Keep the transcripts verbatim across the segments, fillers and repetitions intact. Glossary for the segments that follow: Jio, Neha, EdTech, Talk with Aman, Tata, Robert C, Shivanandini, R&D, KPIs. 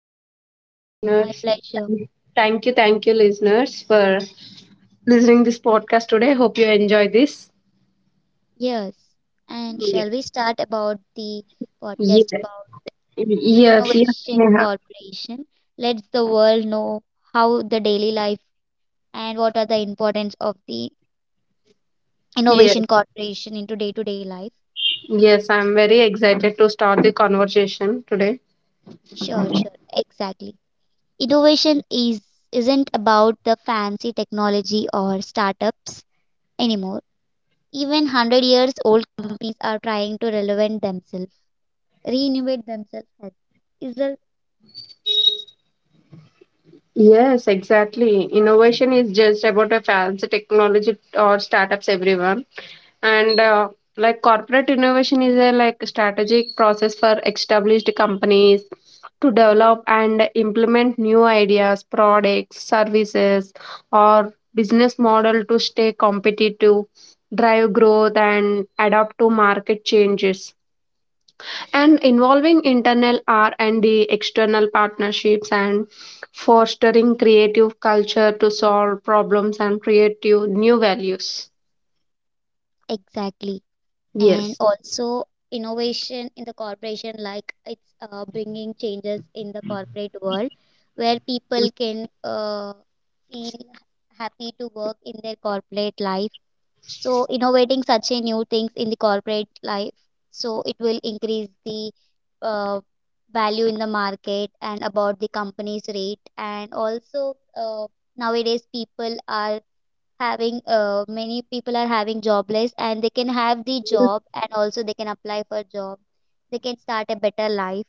today. Welcome My listeners. pleasure. Thank thank you, thank you listeners for listening this podcast today. Hope you enjoy this. Yes. And Yes. shall we start about the podcast Yes. about? Yes, yes, Innovation Neha. Corporation lets the world know how the daily life and what are the importance of the Yes. Innovation Corporation into day-to-day life. Yes, I'm very excited to start the conversation today. Sure, sure, exactly. Innovation is isn't about the fancy technology or startups anymore. Even one hundred years old companies are trying to relevant themselves, reinvent themselves. As- Is the Yes, exactly. Innovation is just about a fancy technology or startups, everyone. And uh, like corporate innovation is a like strategic process for established companies to develop and implement new ideas, products, services, or business model to stay competitive, drive growth, and adapt to market changes and involving internal R and D, external partnerships, and fostering creative culture to solve problems and create new new values. Exactly, and Yes. also innovation in the corporation, like it's uh, bringing changes in the corporate world where people can uh, feel happy to work in their corporate life, so innovating such a new things in the corporate life, so it will increase the uh, value in the market and about the company's rate, and also uh, nowadays people are having uh, many people are having jobless and they can have the job, and also they can apply for job, they can start a better life.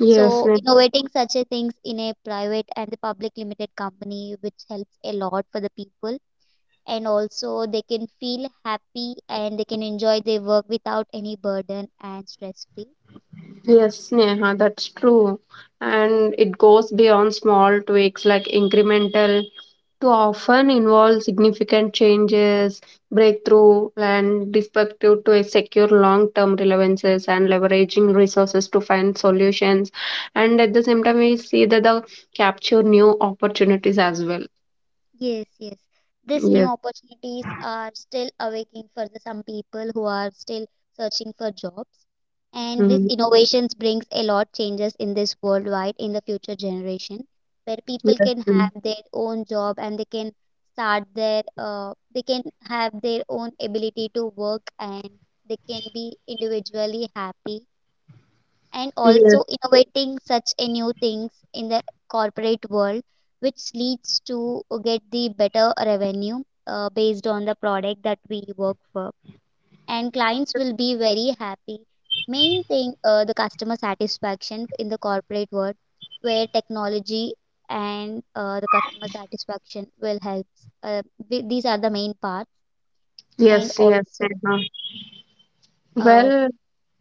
Yes. So innovating such a things in a private and the public limited company, which helps a lot for the people, and also they can feel happy and they can enjoy their work without any burden and stress free. Yes, Neha, that's true. And it goes beyond small tweaks like incremental to often involve significant changes, breakthrough, and perspective to a secure long-term relevances and leveraging resources to find solutions. And at the same time, we see that the capture new opportunities as well. Yes, yes. These new Yes. opportunities are still awakening for the some people who are still searching for jobs. And this Mhm. innovations brings a lot changes in this worldwide in the future generation, where people Yes. can mm. have their own job and they can start their uh, they can have their own ability to work, and they can be individually happy, and Yes. also innovating such a new things in the corporate world, which leads to get the better revenue uh, based on the product that we work for, and clients will be very happy. Main thing, uh, the customer satisfaction in the corporate world, where technology and uh, the customer satisfaction will help, uh, wi- these are the main parts. And Yes. Yes. also Neha. uh, Well,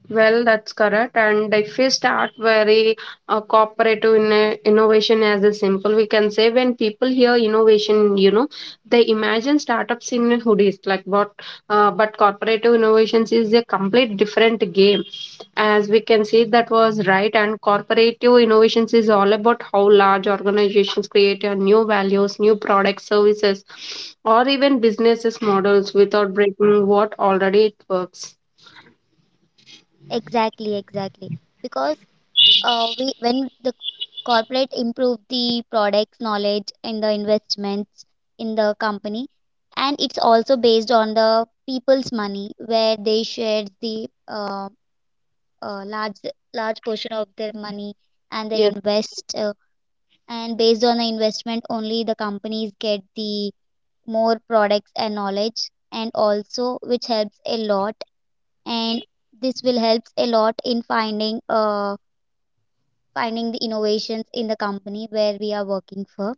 Well, that's correct. And if we start very uh, cooperative in uh, innovation as a simple, we can say when people hear innovation, you know, they imagine startups in hoodies. Like what, uh, but cooperative innovations is a complete different game. As we can see, that was right. And cooperative innovations is all about how large organizations create uh, new values, new products, services, or even businesses models without breaking what already it works. exactly, exactly, because uh, we, when the corporate improve the products knowledge in the investments in the company, and it's also based on the people's money, where they share the uh, uh, large large portion of their money, and they Yes. invest uh, and based on the investment only, the companies get the more products and knowledge, and also which helps a lot. And this will helps a lot in finding uh, finding the innovations in the company where we are working for.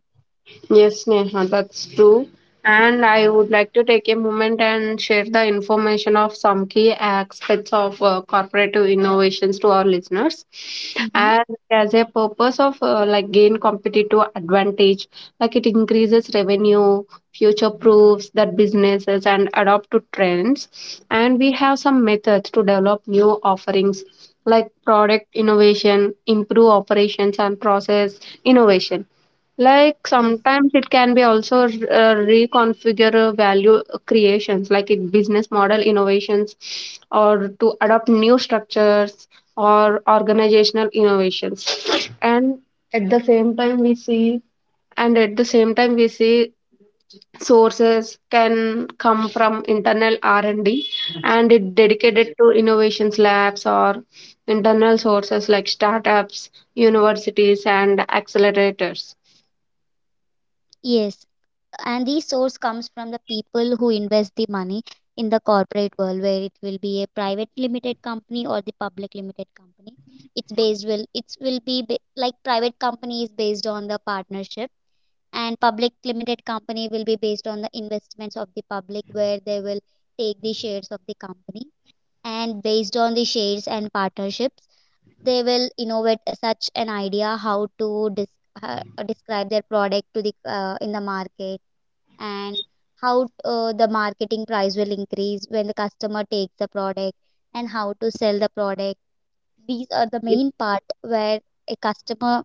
Yes, Neha, that's true. And I would like to take a moment and share the information of some key aspects of uh, corporative innovations to our listeners. Mm-hmm. And as a purpose of uh, like gain competitive advantage, like it increases revenue, future proofs that businesses and adopt to trends. And we have some methods to develop new offerings like product innovation, improve operations and process innovation like Yes. sometimes it can be also r- uh, reconfigure uh, value creations like in business model innovations or to adopt new structures or organizational innovations and at the same time we see and at the same time we see sources can come from internal r&d and D, and it dedicated to innovations labs or internal sources like startups universities and accelerators. Yes. And the source comes from the people who invest the money in the corporate world, where it will be a private limited company or the public limited company. It's based will it will be ba- like private company is based on the partnership, and public limited company will be based on the investments of the public, where they will take the shares of the company. And based on the shares and partnerships, they will innovate a such an idea how to dis- uh, describe their product to the uh, in the market, and how uh, the marketing price will increase when the customer takes the product, and how to sell the product. These are the main part where a customer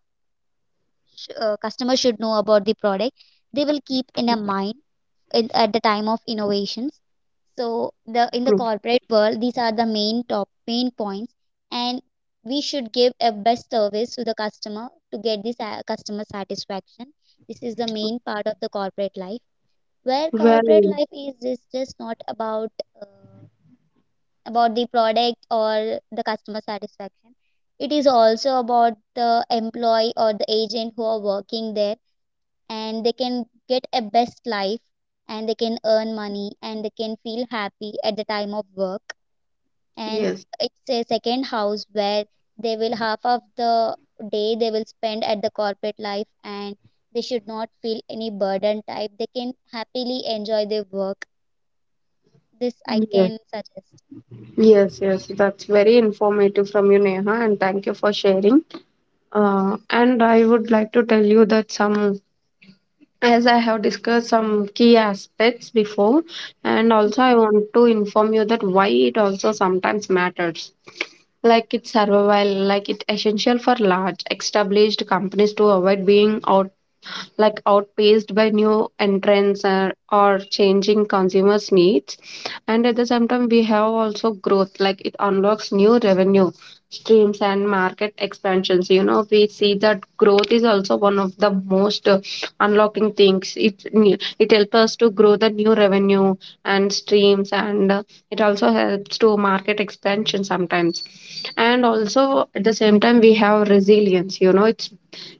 sh- uh, customer should know about the product. They will keep in a mind in, at the time of innovations. So the in the corporate world, these are the main top main points, and we should give a best service to the customer to get this uh, customer satisfaction. This is the main part of the corporate life, where corporate Well, life is is just not about uh, about the product or the customer satisfaction. It is also about the employee or the agent who are working there, and they can get a best life, and they can earn money, and they can feel happy at the time of work. And yes, it's a second house where they will half of the day they will spend at the corporate life, and they should not feel any burden type, they can happily enjoy their work. This I yes, can suggest. yes, yes. That's very informative from you, Neha, and thank you for sharing. Uh, and I would like to tell you that some, as I have discussed some key aspects before, and Mhm. also I want to inform you that why it also sometimes matters. Like it's survival, like it's essential for large established companies to avoid being out like outpaced by new entrants or, or changing consumers needs, and at the same time we have also growth, like it unlocks new revenue streams and market expansions. You know, we see that growth is also one of the most uh, unlocking things. It it helps us to grow the new revenue and streams, and uh, it also helps to market expansion sometimes. And also at the same time we have resilience. You know, it's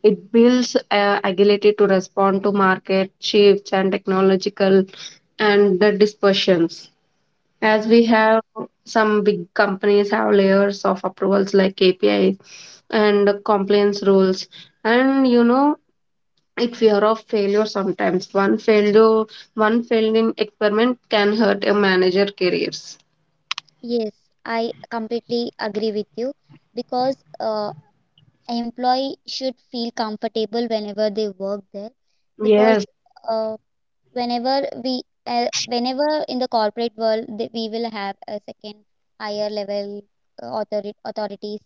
it builds uh, agility to respond to market shifts and technological and the dispersions. As Yeah. we Yes, have some big companies have layers of approvals like K P Is and compliance rules, and you know it fear of failure sometimes. One failure, one failed in experiment can hurt a manager careers. yes, I completely agree with you, because uh, employee should feel comfortable whenever they work there. Because Yes, uh, whenever we uh, whenever in the corporate world, th- we will have a second higher level, uh, authori- authorities,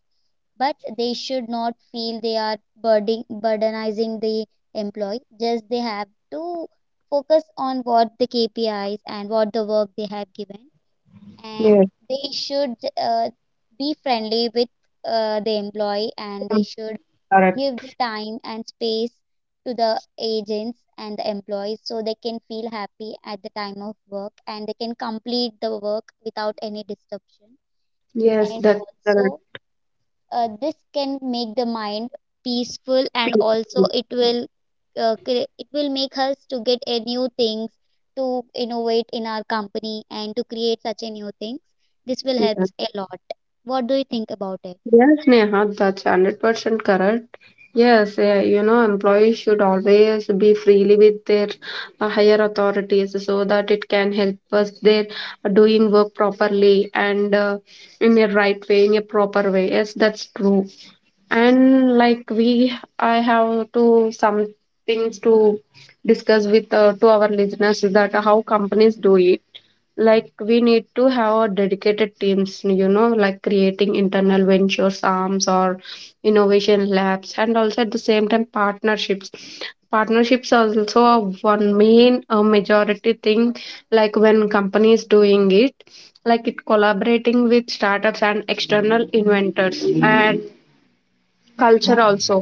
but they should not feel they are burden burdenizing the employee. Just they have to focus on what the K P Is and what the work they have given, and yes, they should uh, be friendly with uh, the employee, and they should give correct. the time and space to the agents and the employees, so they can feel happy at the time of work, and they can complete the work without any disruption. Yes, And that's also correct. uh, this can make the mind peaceful, and also it will, uh, cre- it will make us to get a new things to innovate in our company and to create such a new things. This will help a lot. What do you think about it? Yes, Neha, that's one hundred percent correct. Yes, uh, you know, employees should always be freely with their uh, higher authorities, so that it can help us their doing work properly and uh, in a right way, in a proper way. Yes, that's true. And like we I have to some things to discuss with uh, to our listeners that how companies do it. Like we need to have a dedicated teams, you know, like creating internal ventures arms or innovation labs, and also at the same time partnerships partnerships are also a one main uh, majority thing. Like when companies doing it, like it collaborating with startups and external inventors, and culture also,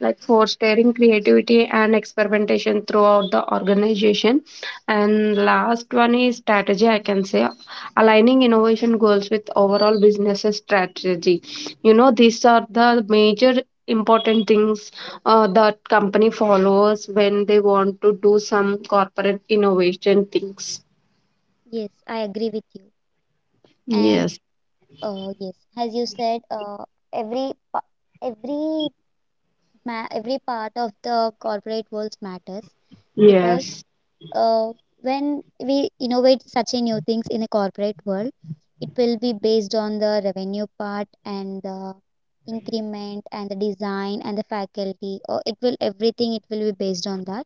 like fostering creativity and experimentation throughout the organization. And last one is strategy, I can say, aligning innovation goals with overall business strategy. You know, these are the major important things uh, that company follows when they want to do some corporate innovation things. Yes, I agree with you. And yes Uh, yes, as you said, uh, every pa- every ma every part of the corporate world matters, because yes uh, when we innovate such a new things in a corporate world, it will be based on the revenue part, and the increment, and the design, and the faculty. Or it will everything it will be based on that.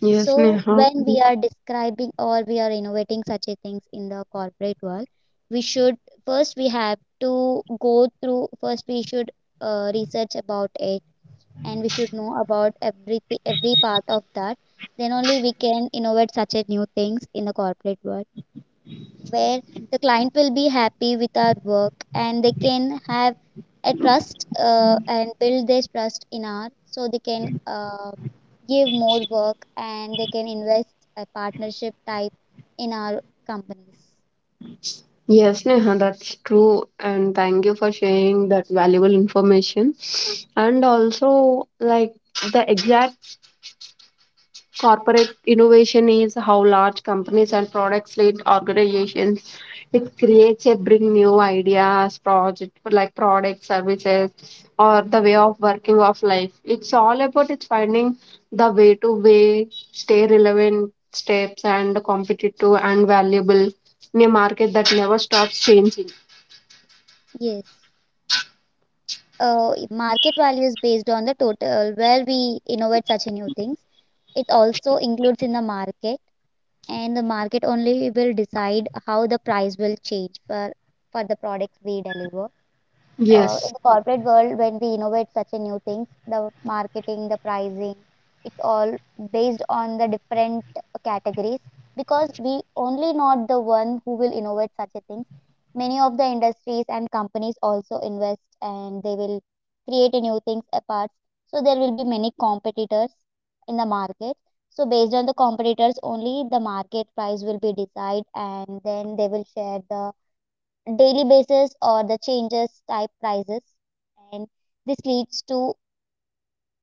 yes So Neha. when we are describing or we are innovating such a things in the corporate world, we should first we have to go through first we should uh, research about it, and we should know about everything, every part of that. Then only we can innovate such a new things in the corporate world, where the client will be happy with our work, and they can have a trust uh, and build their trust in our, so they can uh, give more work, and they can invest a partnership type in our companies. Yes, Neha, that's true. And thank you for sharing that valuable information. And also, like, the exact corporate innovation is how large companies and products lead organizations. It creates a bring new ideas, project like product services, or the way of working of life. It's all about it's finding the way to way stay relevant steps and competitive and valuable in a market that never stops changing. Yes. Uh, market value is based on the total where we innovate such new things. It also includes in the market, and the market only will decide how the price will change for for the products we deliver. Uh, in Yes, the corporate world, when we innovate such a new things, the marketing, the pricing, it's all based on the different categories, because we only not the one who will innovate such a things. Many of the industries and companies also invest, and they will create a new things apart. So there will be many competitors in the market. So based on the competitors only, the market price will be decided, and then they will share the daily basis or the changes type prices. And this leads to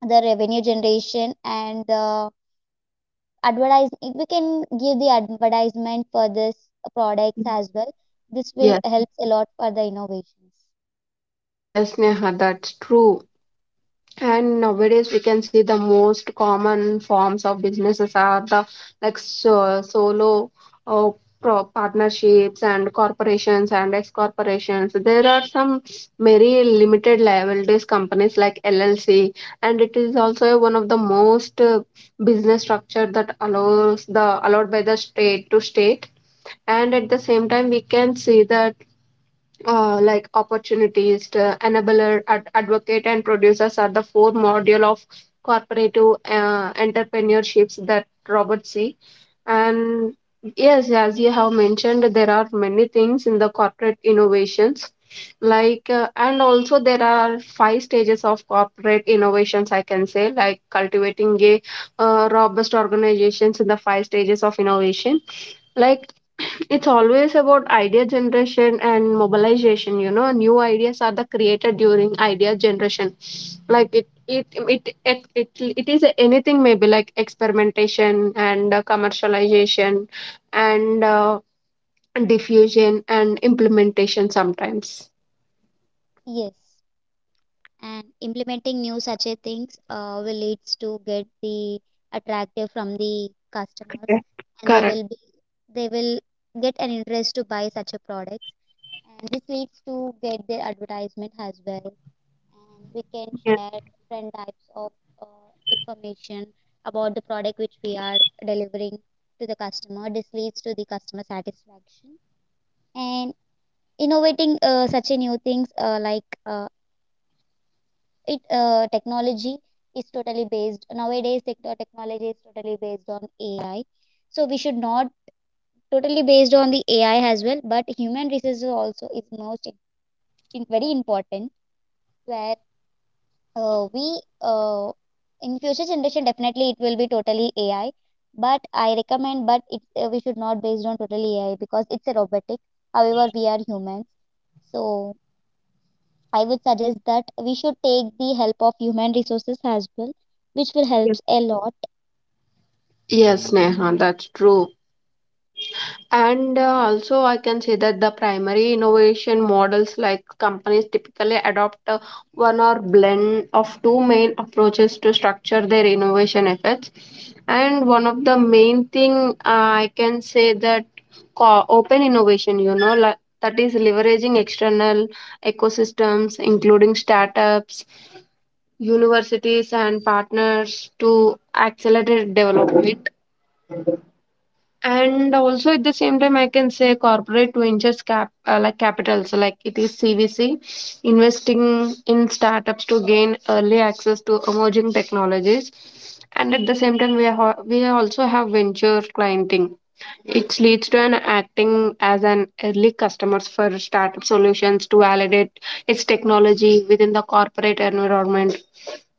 the revenue generation and the advertising. We can give the advertisement for this products as well. This will yes, helps a lot for the innovations. yes, Neha, that's true. And nowadays, we can see the most common forms of businesses are the like so, solo uh, pro- partnerships and corporations and ex corporations. There are some very limited liabilities companies like L L C, and it is also one of the most uh, business structure that allows the allowed by the state to state. And at the same time, we can see that uh, like opportunities to enabler, ad- advocate, and producers are the four module of corporative uh, entrepreneurships that Robert C. And yes, as you have mentioned, there are many things in the corporate innovations. Like, uh, and also there are five stages of corporate innovations, I can say, like cultivating a uh, robust organizations in the five stages of innovation, like it's always about idea generation and mobilization. You know, new ideas are the created during idea generation. Like it it it it, it, it is anything maybe like experimentation and uh, commercialization and uh, diffusion and implementation sometimes. Yes. And implementing new such a things uh, will leads to get the attractive from the customers, Okay. and they Correct. will be they will get an interest to buy such a products, and this leads to get their advertisement as well. And we can yes share different types of uh, information about the product which we are delivering to the customer. This leads to the customer satisfaction. And innovating uh, such a new things, uh, like uh, it uh, technology is totally based nowadays, tech- the technology is totally based on A I, so we should not totally based on the A I as well, but human resources also is most in, in- very important, where uh, we uh, in future generation, definitely it will be totally A I. But I recommend, but it uh, we should not based on totally A I, because it's a robotic, however we are humans. So I would suggest that we should take the help of human resources as well, which will help yes a lot. yes Neha, that's true. And uh, also, I can say that the primary innovation models like companies typically adopt uh, one or blend of two main approaches to structure their innovation efforts. And one of the main thing uh, I can say that co- open innovation, you know, like, that is leveraging external ecosystems, including startups, universities, and partners to accelerate development. And also at the same time, I can say corporate ventures cap uh, like capitals, like it is C V C, investing in startups to gain early access to emerging technologies. And at the same time, we are ho- we also have venture clienting, it leads to an acting as an early customers for startup solutions to validate its technology within the corporate environment.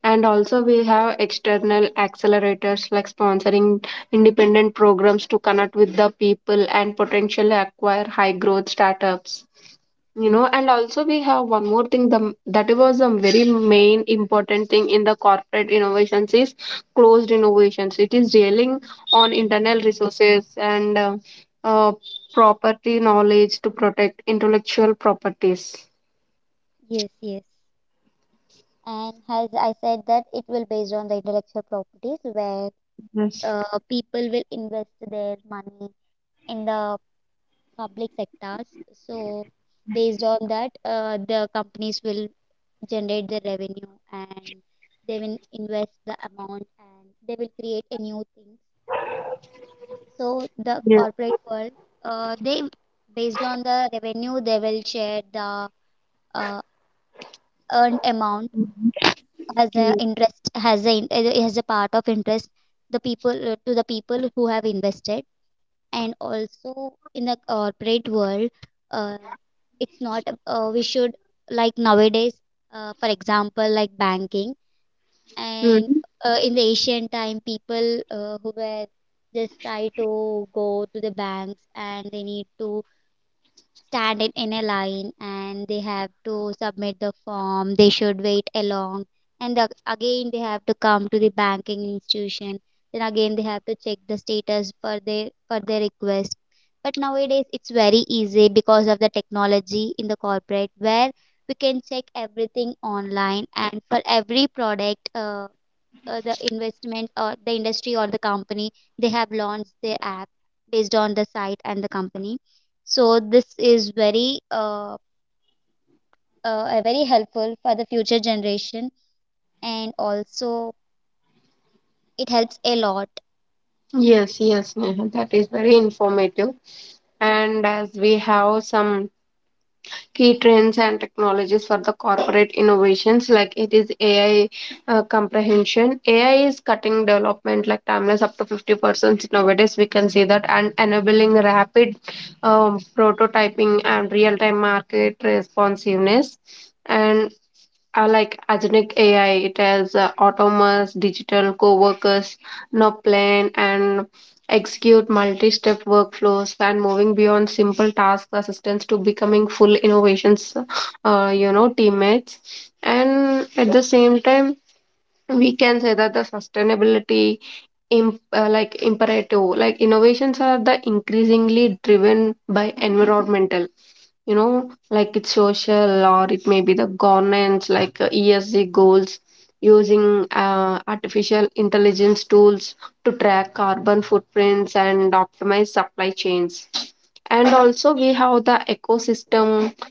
And also, we have external accelerators like sponsoring independent programs to connect with the people and potentially acquire high growth startups. You know, and also we have one more thing, the, that was a very main important thing in the corporate innovations is closed innovations. It is dealing on internal resources and uh, uh, property knowledge to protect intellectual properties. Yes, yes. And as I said that it will based on the intellectual properties, where Yes. uh, people will invest their money in the public sectors. So based on that, uh, the companies will generate the revenue, and they will invest the amount and they will create a new thing. So the yeah. corporate world, uh, they, based on the revenue, they will share the uh, earned amount as yeah. a interest, as a as a part of interest, the people uh, to the people who have invested. And also in the corporate world, uh, it's not uh, we should, like nowadays, uh, for example, like banking. And Mhm. uh, in the ancient time, people uh, who were just try to go to the banks, and they need to standing in a line, and they have to submit the form, they should wait along, and the, again they have to come to the banking institution, then again they have to check the status for their for their request. But nowadays it's very easy because of the technology in the corporate, where we can check everything online, and for every product uh, uh, the investment or the industry or the company, they have launched their app based on the site and the company. So this is very uh, uh, uh, very helpful for the future generation, and also it helps a lot. Yes yes, Neha, that is very informative. And as we have some key trends and technologies for the corporate innovations, like it is AI. Uh, comprehension AI is cutting development like timeless up to fifty percent nowadays, we can see that, and enabling rapid um, prototyping and real-time market responsiveness. And uh, like agentic A I, it has uh, autonomous digital co-workers, now plan and execute multi-step workflows and moving beyond simple task assistance to becoming full innovations, uh, you know, teammates. And at the same time, we can say that the sustainability imp- uh, like imperative, like innovations are the increasingly driven by environmental, you know, like it's social or it may be the governance, like uh, ESG goals, using uh, artificial intelligence tools to track carbon footprints and optimize supply chains. And also we have the ecosystem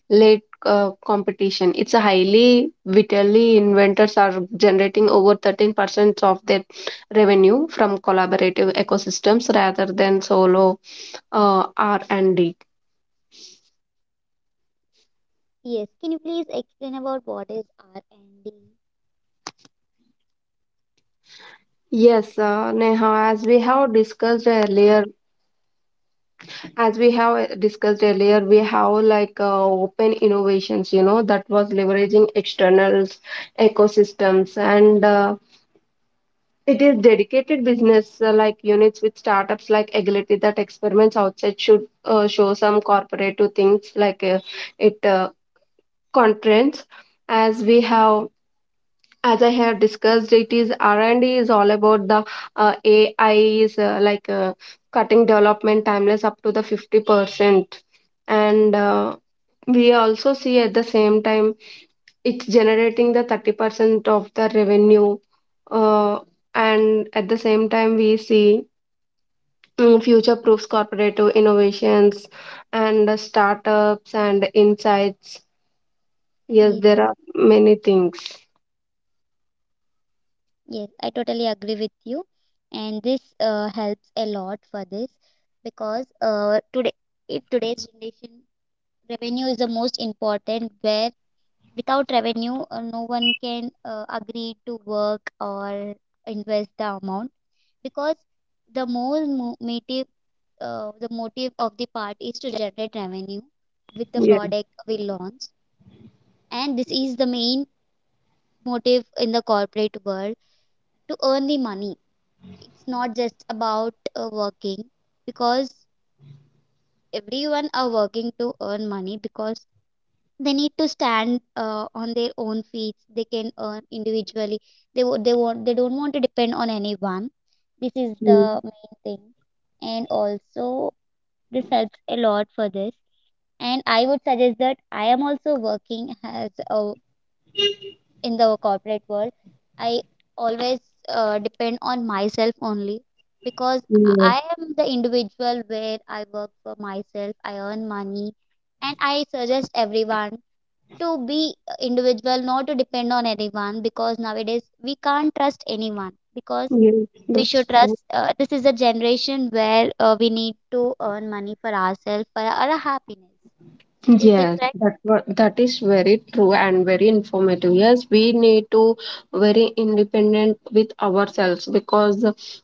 led uh, competition. It's a highly vitally inventors are generating over thirteen percent of their revenue from collaborative ecosystems rather than solo uh, R and D. Yes, can you please explain about what is R and D? Yes, uh, Neha, as we have discussed earlier, as we have uh, discussed earlier, we have like uh, open innovations, you know, that was leveraging externals, ecosystems, and uh, it is dedicated business uh, like units with startups like Agility that experiments outside should uh, show some corporate to things like uh, it uh, constraints. As we have as I have discussed, it is R&D is all about the uh, AI is uh, like uh, cutting development timeless up to the fifty percent, and uh, we also see at the same time it's generating the thirty percent of the revenue, uh, and at the same time we see mm, future proofs corporative innovations, and uh, startups and insights. Yes, Yes, there are many things. yes, I totally agree with you, and this uh, helps a lot for this because uh, today, in today's generation, revenue is the most important, where without revenue, uh, no one can uh, agree to work or invest the amount. Because the more mo- motive, uh, the motive of the part is to generate revenue with the yeah product we launch, and this is the main motive in the corporate world, to earn the money. It's not just about uh, working, because everyone are working to earn money, because they need to stand uh, on their own feet, they can earn individually, they wo- they want, they don't want to depend on anyone. This is Mm. the main thing, and also this helps a lot for this. And I would suggest that I am also working as a, in the corporate world, I always uh, depend on myself only, because yeah I am the individual where I work for myself, I earn money. And I suggest everyone to be individual, not to depend on anyone, because nowadays we can't trust anyone, because Yes, we that's should trust. true. Uh, this is a generation where uh, we need to earn money for ourselves, for our happiness. Is that Yes, correct? that wa- that is very true and very informative. Yes, we need to very independent with ourselves, because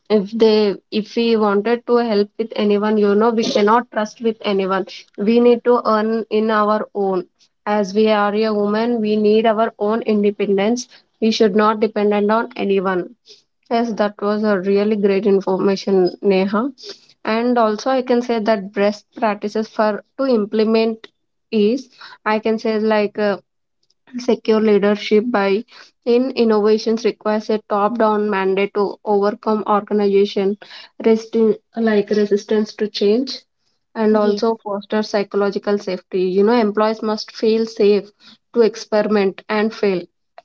if they if we wanted to help with anyone, you know, we cannot trust with anyone. We need to earn in our own. As we are a woman, we need our own independence. We should not dependent on anyone. Yes, that was a really great information, Neha. And also I can say that best practices for to implement is I can say like uh, secure leadership by in innovations requires a top down mandate to overcome organization resisting like resistance to change, and Yes, also foster psychological safety. You know, employees must feel safe to experiment and fail.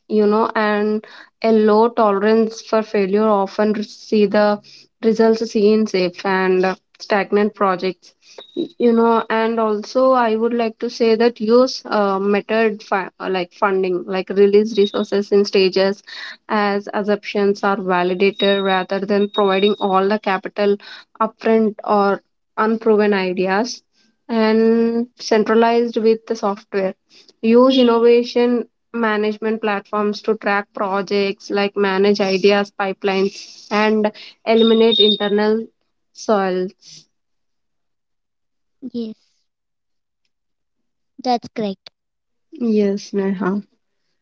You know, and a low tolerance for failure often re- see the results seen safe and uh, stagnant projects. You know, and also I would like to say that use uh, method fi- uh, like funding, like release resources in stages as assumptions are validated rather than providing all the capital upfront or unproven ideas, and centralized with the software. Use innovation management platforms to track projects like manage ideas pipelines and eliminate internal soils. yes, that's correct. Yes, Neha.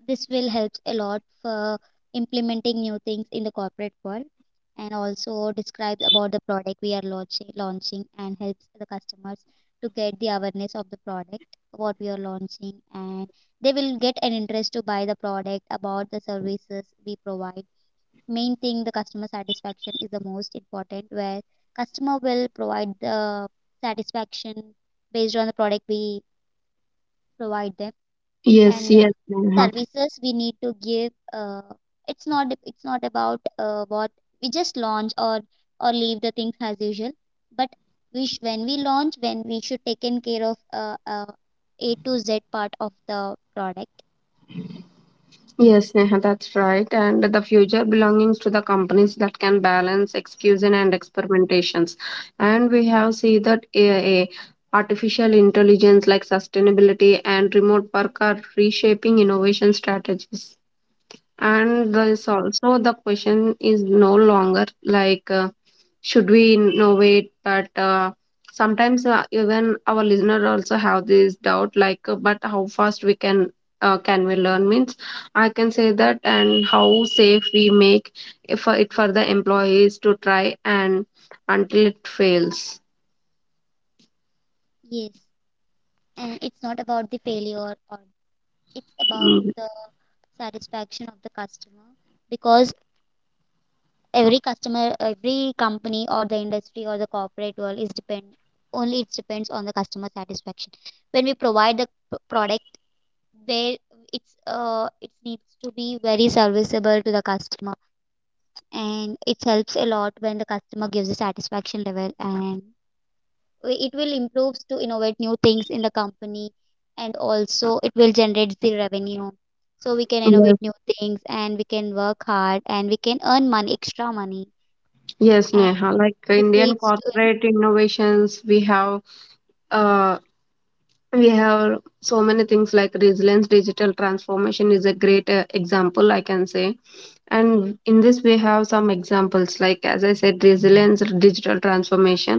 This will help a lot for implementing new things in the corporate world, and also describes about the product we are launching launching, and helps the customers to get the awareness of the product what we are launching. And they will get an interest to buy the product, about the services we provide. Main thing, the customer satisfaction is the most important, where customer will provide the satisfaction based on the product we provide them. Yes, And yes, uh, Neha. services we need to give uh, it's not it's not about uh, what we just launch or or leave the things as usual. But we sh- when we launch, when we should taken care of uh, uh, a to z part of the product. Yes, Neha, that's right. And the future belongs to the companies that can balance execution and experimentations. And we have seen that A I, artificial intelligence like sustainability and remote work are reshaping innovation strategies. And there's also the question is no longer like, uh, should we innovate? But uh, sometimes uh, even our listener also have this doubt, like, uh, but how fast we can uh, can we learn? Means I can say that, and how safe we make if for it for the employees to try and until it fails. Yes, and it's not about the failure, or it's about Mm, the satisfaction of the customer. Because every customer, every company or the industry or the corporate world is depend, only it depends on the customer satisfaction. When we provide the product, where it's uh, it needs to be very serviceable to the customer, and it helps a lot when the customer gives a satisfaction level, and it will improves to innovate new things in the company. And also it will generate the revenue, so we can yes, innovate new things, and we can work hard, and we can earn money, extra money. yes, And. Neha. Like This Indian leads to, corporate innovations, we have. uh, we have so many things like resilience digital transformation is a great uh, example I can say. And in this we have some examples, like as I said, resilience digital transformation,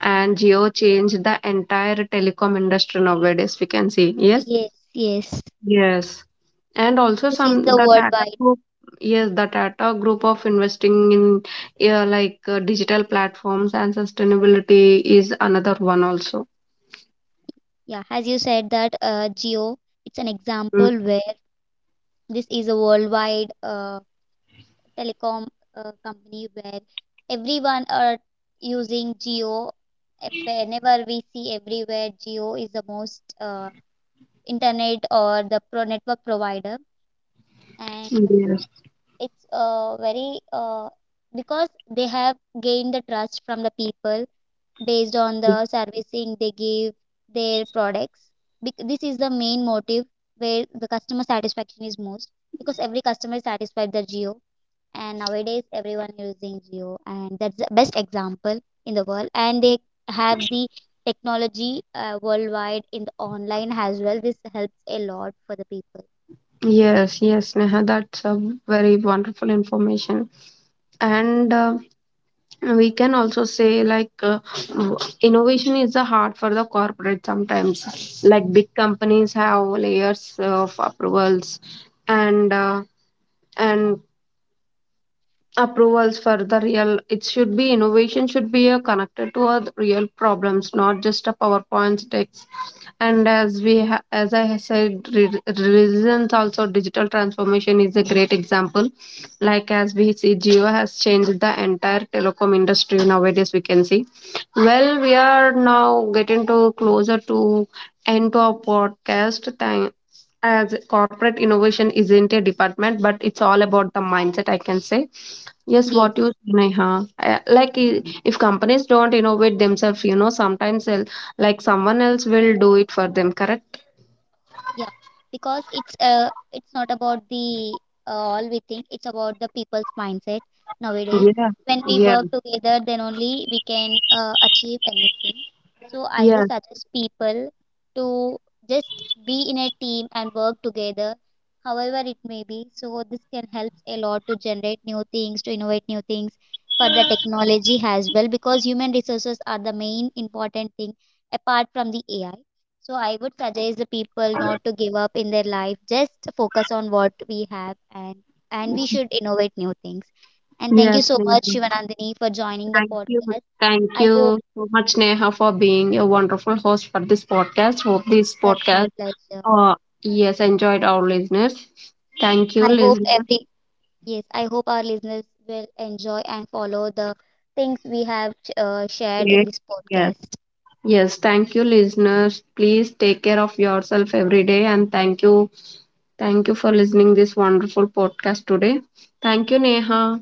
and Geo changed the entire telecom industry nowadays, we can see. Yes, yes, yes. yes, and also This is some the the Tata worldwide. group, yes, the Tata group of investing in, yeah, like uh, digital platforms and sustainability is another one also. Yeah, as you said that uh, Geo, it's an Mm, example where this is a worldwide uh, telecom uh, company where everyone are using Geo. Uh, Whenever we see everywhere, Geo is the most uh, internet or the pro network provider, and yes. it's uh, very uh, because they have gained the trust from the people based on the servicing they give their products. Bec- This is the main motive, where the customer satisfaction is most, because every customer is satisfied with the Jio, and nowadays everyone using Jio, and that's the best example in the world. And they have the technology uh, worldwide in the online as well. This helps a lot for the people. Yes, yes, Neha, that's a very wonderful information. And uh, we can also say, like, uh, innovation is the heart for the corporate sometimes. Like, big companies have layers of approvals and uh, and approvals for the real, it should be, innovation should be uh, connected to our real problems, not just a powerpoint text. And as we ha- as I have said, re- resilience also digital transformation is a great example. Like as we see, Geo has changed the entire telecom industry nowadays, we can see. Well, we are now getting to closer to end to our podcast, thank, as corporate innovation isn't a department but it's all about the mindset, I can say. Yes, Yes. what you say, Neha. Uh, like i- if companies don't innovate themselves, you know, sometimes el- like someone else will do it for them, correct. Yeah, because it's uh, it's not about the uh, all we think, it's about the people's mindset nowadays. Yeah, When we yeah, work together, then only we can uh, achieve anything. So I yeah, just suggest people to just be in a team and work together, however it may be. So this can help a lot to generate new things, to innovate new things for the technology as well, because human resources are the main important thing apart from the A I. So I would suggest the people not to give up in their life. Just focus on what we have, and and we should innovate new things. And thank you yes, so much, Neha. Shivanandini, for joining the Thank you, podcast. thank I you hope so much, Neha, for being a wonderful host for this podcast. Hope this that's my podcast, pleasure. uh yes, enjoyed our listeners. Thank you, I hope listeners. every, yes, I hope our listeners will enjoy and follow the things we have uh, shared in this Yes, podcast. yes, thank you, listeners. Please take care of yourself every day, and thank you, thank you for listening this wonderful podcast today. Thank you, Neha.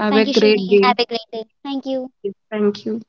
Have a Thank you, great Shuni. day. Have a great day. Thank you. Thank you.